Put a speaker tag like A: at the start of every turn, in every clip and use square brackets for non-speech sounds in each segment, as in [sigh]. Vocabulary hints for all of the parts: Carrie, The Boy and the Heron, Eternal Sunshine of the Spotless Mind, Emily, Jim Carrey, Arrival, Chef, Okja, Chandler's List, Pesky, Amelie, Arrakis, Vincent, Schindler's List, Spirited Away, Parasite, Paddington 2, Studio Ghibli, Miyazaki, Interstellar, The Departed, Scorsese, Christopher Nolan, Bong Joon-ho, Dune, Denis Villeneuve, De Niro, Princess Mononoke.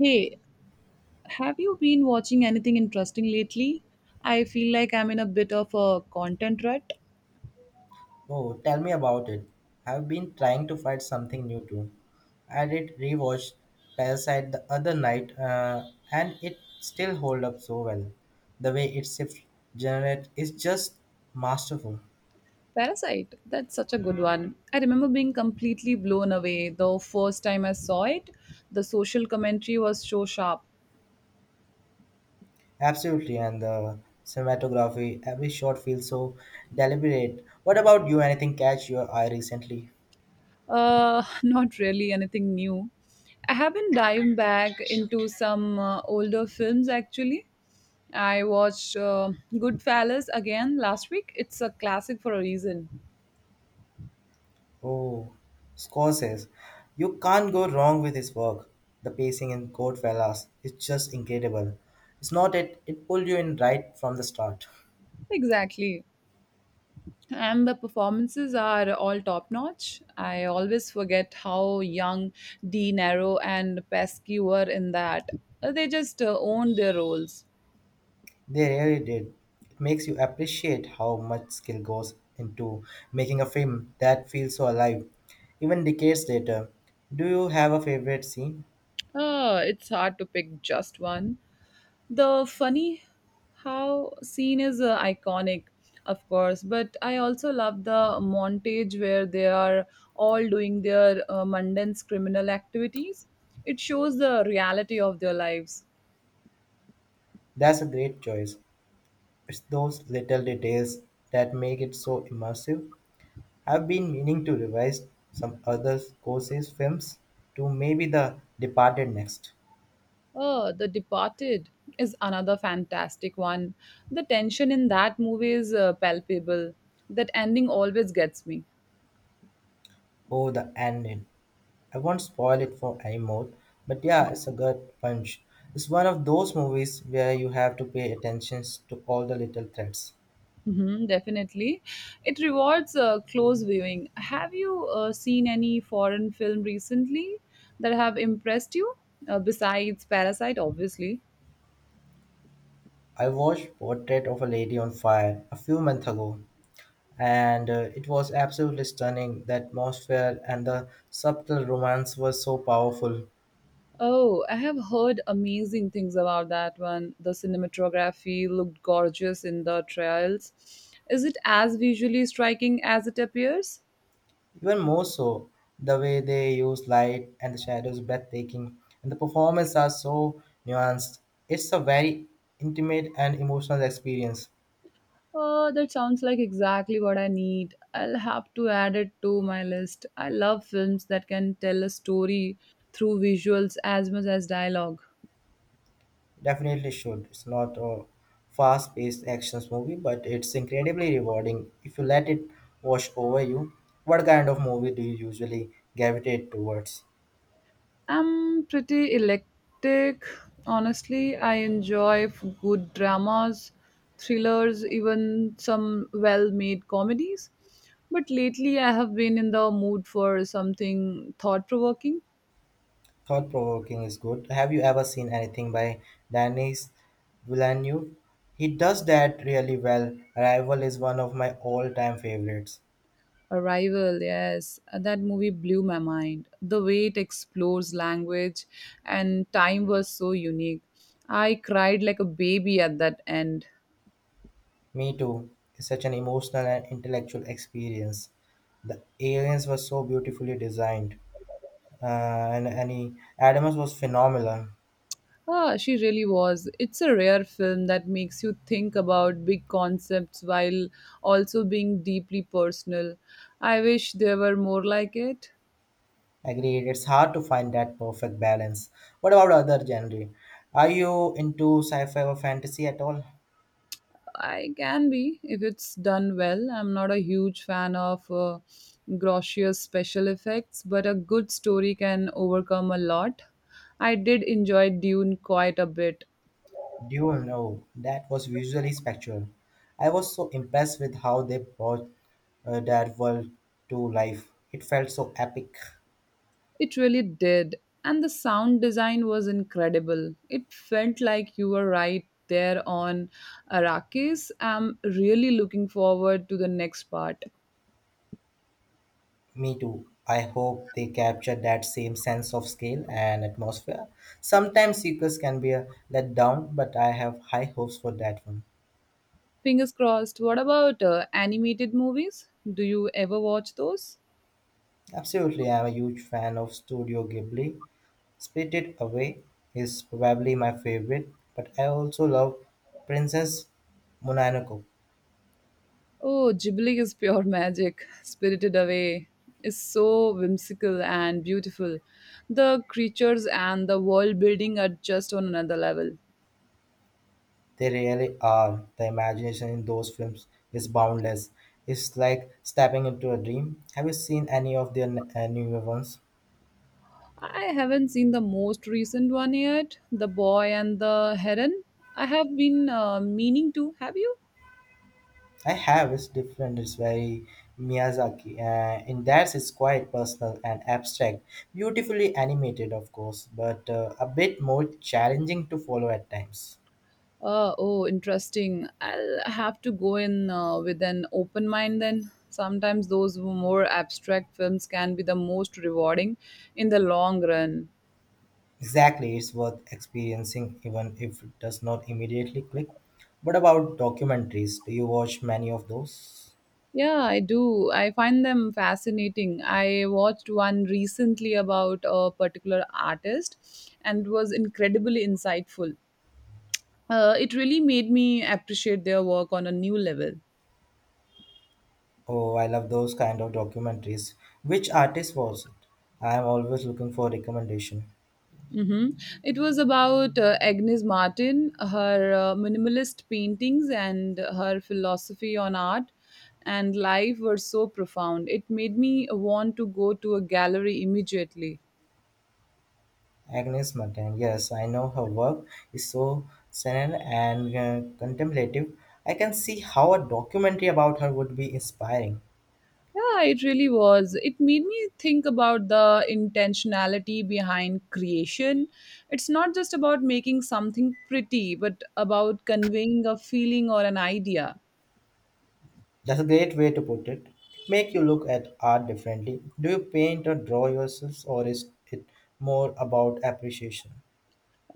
A: Hey, have you been watching anything interesting lately? I feel like I'm in a bit of a content rut.
B: Oh, tell me about it. I've been trying to find something new too. I did rewatch Parasite the other night, and it still hold up so well. The way it shifts generate is just masterful.
A: Parasite, that's such a good one. I remember being completely blown away the first time I saw it. The social commentary was so sharp.
B: Absolutely, and the cinematography, every shot feels so deliberate. What about you? Anything catch your eye recently?
A: [laughs] Not really anything new. I have been diving back into some older films actually. I watched Goodfellas again last week. It's a classic for a reason.
B: Oh, Scorsese. You can't go wrong with his work. The pacing in Goodfellas is just incredible. It's not it, it pulled you in right from the start.
A: Exactly. And the performances are all top notch. I always forget how young De Niro and Pesky were in that. They just owned their roles.
B: They really did. It makes you appreciate how much skill goes into making a film that feels so alive, even decades later. Do you have a favorite scene?
A: It's hard to pick just one. The funny how scene is iconic, of course, but I also love the montage where they are all doing their mundane criminal activities. It shows the reality of their lives.
B: That's a great choice. It's those little details that make it so immersive. I've been meaning to revise some other Scorsese films to maybe The Departed next.
A: Oh, The Departed is another fantastic one. The tension in that movie is palpable. That ending always gets me.
B: Oh, the ending. I won't spoil it for anyone, but yeah, it's a good punch. It's one of those movies where you have to pay attention to all the little threads.
A: Definitely. It rewards close viewing. Have you seen any foreign film recently that have impressed you? Besides Parasite, obviously.
B: I watched Portrait of a Lady on Fire a few months ago, and it was absolutely stunning. The atmosphere and the subtle romance were so powerful.
A: Oh, I have heard amazing things about that one. The cinematography looked gorgeous in the trials. Is it as visually striking as it appears?
B: Even more so, the way they use light and the shadows is breathtaking, and the performances are so nuanced. It's a very intimate and emotional experience.
A: That sounds like exactly what I need. I'll have to add it to my list. I love films that can tell a story through visuals as much as dialogue.
B: Definitely should. It's not a fast paced actions movie, but it's incredibly rewarding if you let it wash over you. What kind of movie do you usually gravitate towards?
A: I'm pretty eclectic, honestly. I enjoy good dramas, thrillers, even some well made comedies. But lately, I have been in the mood for something thought provoking.
B: Thought provoking is good. Have you ever seen anything by Denis Villeneuve? He does that really well. Arrival is one of my all time favorites.
A: Arrival, yes. That movie blew my mind. The way it explores language and time was so unique. I cried like a baby at that end.
B: Me too. It's such an emotional and intellectual experience. The aliens were so beautifully designed, and he, Adams was phenomenal.
A: Ah, she really was. It's a rare film that makes you think about big concepts while also being deeply personal. I wish there were more like it.
B: Agreed. It's hard to find that perfect balance. What about other genre? Are you into sci-fi or fantasy at all?
A: I can be if it's done well. I'm not a huge fan of grossier special effects, but a good story can overcome a lot. I did enjoy Dune quite a bit.
B: Do you know that was visually spectral? I was so impressed with how they brought that world to life. It felt so epic.
A: It really did. And the sound design was incredible. It felt like you were right there on Arrakis. I'm really looking forward to the next part.
B: Me too. I hope they capture that same sense of scale and atmosphere. Sometimes sequels can be a letdown, but I have high hopes for that one.
A: Fingers crossed. What about animated movies? Do you ever watch those?
B: Absolutely, I'm a huge fan of Studio Ghibli. Spirited Away is probably my favorite, but I also love Princess Mononoke.
A: Oh, Ghibli is pure magic. Spirited Away is so whimsical and beautiful. The creatures and the world building are just on another level.
B: They really are. The imagination in those films is boundless. It's like stepping into a dream. Have you seen any of their newer ones?
A: I haven't seen the most recent one yet, The Boy and the Heron. I have been meaning to. Have you?
B: I have. It's different. It's very Miyazaki. In that, it's quite personal and abstract. Beautifully animated, of course, but a bit more challenging to follow at times.
A: Oh, interesting. I'll have to go in with an open mind then. Sometimes those more abstract films can be the most rewarding in the long run.
B: Exactly, it's worth experiencing even if it does not immediately click. What about documentaries? Do you watch many of those?
A: Yeah, I do. I find them fascinating. I watched one recently about a particular artist and was incredibly insightful. It really made me appreciate their work on a new level.
B: Oh, I love those kind of documentaries. Which artist was it? I am always looking for recommendation.
A: Hmm. It was about Agnes Martin, her minimalist paintings, and her philosophy on art and life were so profound. It made me want to go to a gallery immediately.
B: Agnes Martin. Yes, I know her work is so serene and contemplative. I can see how a documentary about her would be inspiring.
A: Yeah, it really was. It made me think about the intentionality behind creation. It's not just about making something pretty, but about conveying a feeling or an idea.
B: That's a great way to put it. It makes you look at art differently. Do you paint or draw yourselves, or is it more about appreciation?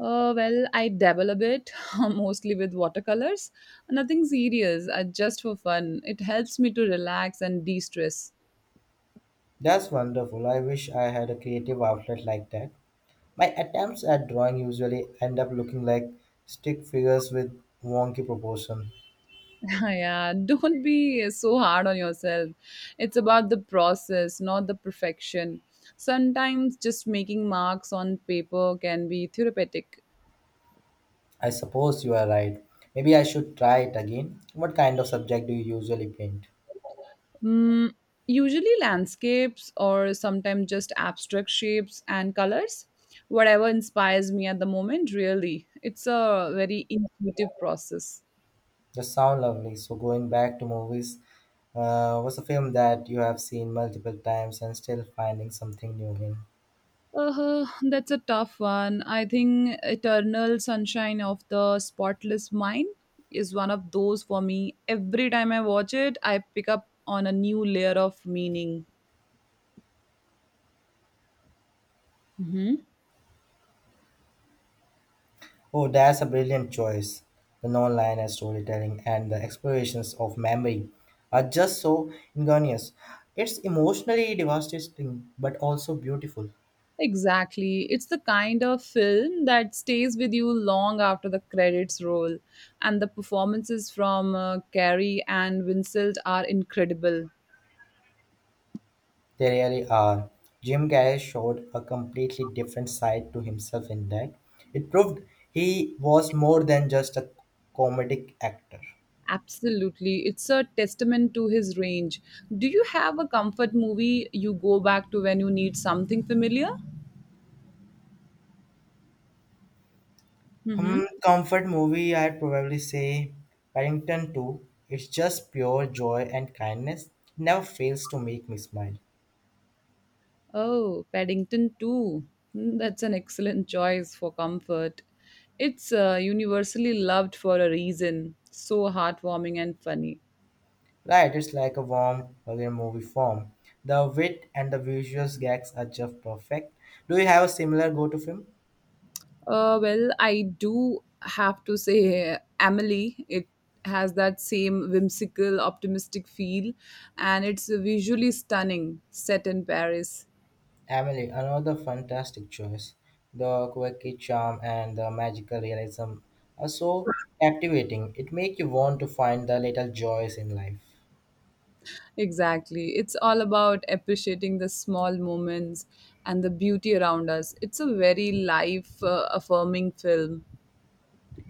A: Well, I dabble a bit, [laughs] mostly with watercolors. Nothing serious, just for fun. It helps me to relax and de stress.
B: That's wonderful. I wish I had a creative outlet like that. My attempts at drawing usually end up looking like stick figures with wonky proportion.
A: [laughs] Yeah, don't be so hard on yourself. It's about the process, not the perfection. Sometimes just making marks on paper can be therapeutic.
B: I suppose you are right. Maybe I should try it again. What kind of subject do you usually paint?
A: Mm, usually, landscapes or sometimes just abstract shapes and colors. Whatever inspires me at the moment, really. It's a very intuitive process.
B: Just sound lovely. So going back to movies, what's a film that you have seen multiple times and still finding something new in?
A: That's a tough one. I think Eternal Sunshine of the Spotless Mind is one of those for me. Every time I watch it, I pick up on a new layer of meaning. Hmm
B: Oh, that's a brilliant choice. The non-linear storytelling and the explorations of memory are just so ingenious. It's emotionally devastating, but also beautiful.
A: Exactly. It's the kind of film that stays with you long after the credits roll. And the performances from Carrie and Vincent are incredible.
B: They really are. Jim Carrey showed a completely different side to himself in that. It proved he was more than just a comedic actor.
A: Absolutely. It's a testament to his range. Do you have a comfort movie you go back to when you need something familiar? Mm-hmm.
B: Hmm, comfort movie, I'd probably say Paddington 2. It's just pure joy and kindness. It never fails to make me smile.
A: Oh, Paddington 2. Mm, that's an excellent choice for comfort. It's universally loved for a reason. So heartwarming and funny.
B: Right, it's like a warm, hug in movie form. The wit and the visual gags are just perfect. Do you have a similar go-to film?
A: Well, I do have to say Amelie. It has that same whimsical, optimistic feel, and it's visually stunning, set in Paris.
B: Emily, another fantastic choice. The quirky charm and the magical realism are so captivating. It makes you want to find the little joys in life.
A: Exactly. It's all about appreciating the small moments and the beauty around us. It's a very life affirming film.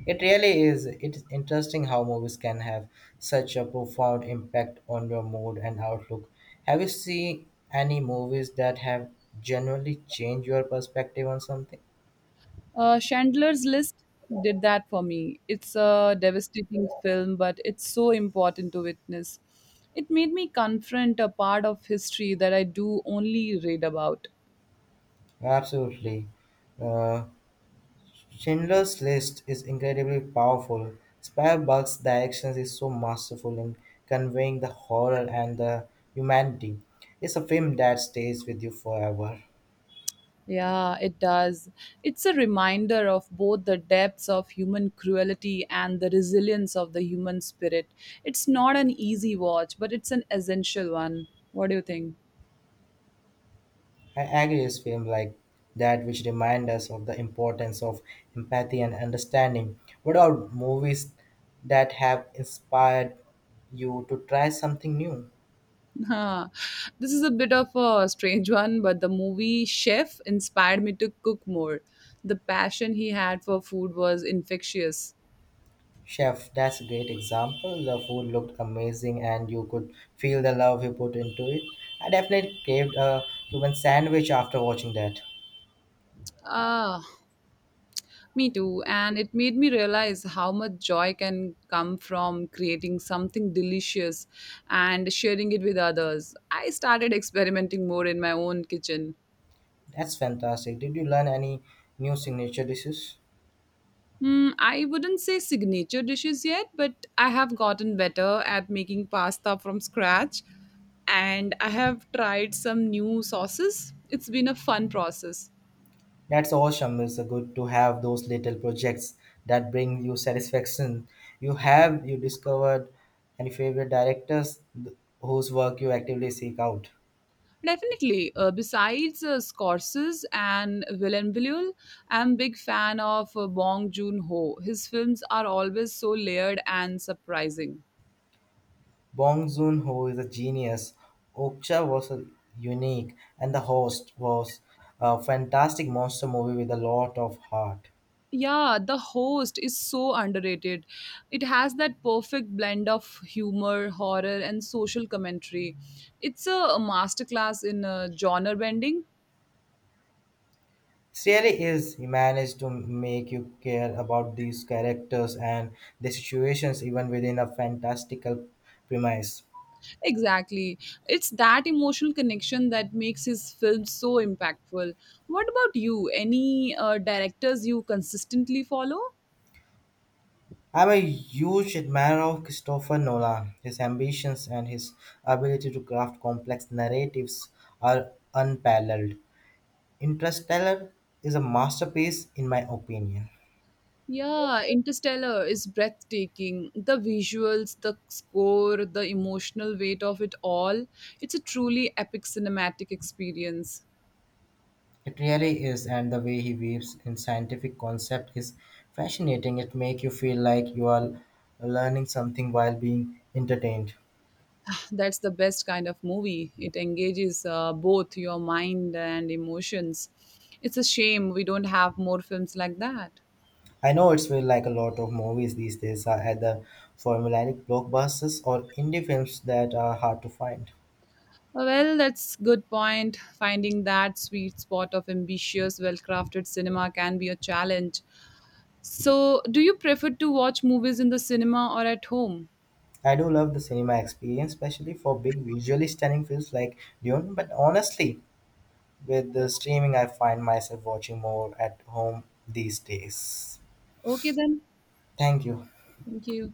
B: It really is. It's interesting how movies can have such a profound impact on your mood and outlook. Have you seen any movies that have genuinely changed your perspective on something?
A: Chandler's List did that for me. It's a devastating film, but it's so important to witness. It made me confront a part of history that I do only read about.
B: Absolutely. Uh, Schindler's List is incredibly powerful. Spielberg's direction is so masterful in conveying the horror and the humanity. It's a film that stays with you forever.
A: Yeah, it does. It's a reminder of both the depths of human cruelty and the resilience of the human spirit. It's not an easy watch, but it's an essential one. What do you think? [laughs]
B: I agree with film like that which remind us of the importance of empathy and understanding. What are movies that have inspired you to try something new?
A: Huh. This is a bit of a strange one, but the movie Chef inspired me to cook more. The passion he had for food was infectious.
B: Chef, that's a great example. The food looked amazing and you could feel the love he put into it. I definitely craved a Cuban sandwich after watching that.
A: Ah, me too. And it made me realize how much joy can come from creating something delicious and sharing it with others. I started experimenting more in my own kitchen.
B: That's fantastic. Did you learn any new signature dishes?
A: Hmm, I wouldn't say signature dishes yet, but I have gotten better at making pasta from scratch and I have tried some new sauces. It's been a fun process.
B: That's awesome. It's good to have those little projects that bring you satisfaction. You have you discovered any favorite directors whose work you actively seek out?
A: Definitely. Besides Scorsese and Villeneuve, I'm a big fan of Bong Joon-ho. His films are always so layered and surprising.
B: Bong Joon-ho is a genius. Okja was a unique, and The Host was a fantastic monster movie with a lot of heart.
A: Yeah, The Host is so underrated. It has that perfect blend of humor, horror, and social commentary. It's a masterclass in genre bending.
B: It really is. He managed to make you care about these characters and the situations even within a fantastical premise.
A: Exactly. It's that emotional connection that makes his films so impactful. What about you? Any directors you consistently follow?
B: I'm a huge admirer of Christopher Nolan. His ambitions and his ability to craft complex narratives are unparalleled. Interstellar is a masterpiece in my opinion.
A: Yeah, Interstellar is breathtaking. The visuals, the score, the emotional weight of it all. It's a truly epic cinematic experience.
B: It really is, and the way he weaves in scientific concept is fascinating. It makes you feel like you are learning something while being entertained.
A: That's the best kind of movie. It engages both your mind and emotions. It's a shame we don't have more films like that.
B: I know it's feel like a lot of movies these days are either formulaic blockbusters or indie films that are hard to find.
A: Well, that's good point. Finding that sweet spot of ambitious well-crafted cinema can be a challenge. So do you prefer to watch movies in the cinema or at home?
B: I do love the cinema experience, especially for big visually stunning films like Dune, but honestly, with the streaming I find myself watching more at home these days.
A: Okay then.
B: Thank you.
A: Thank you.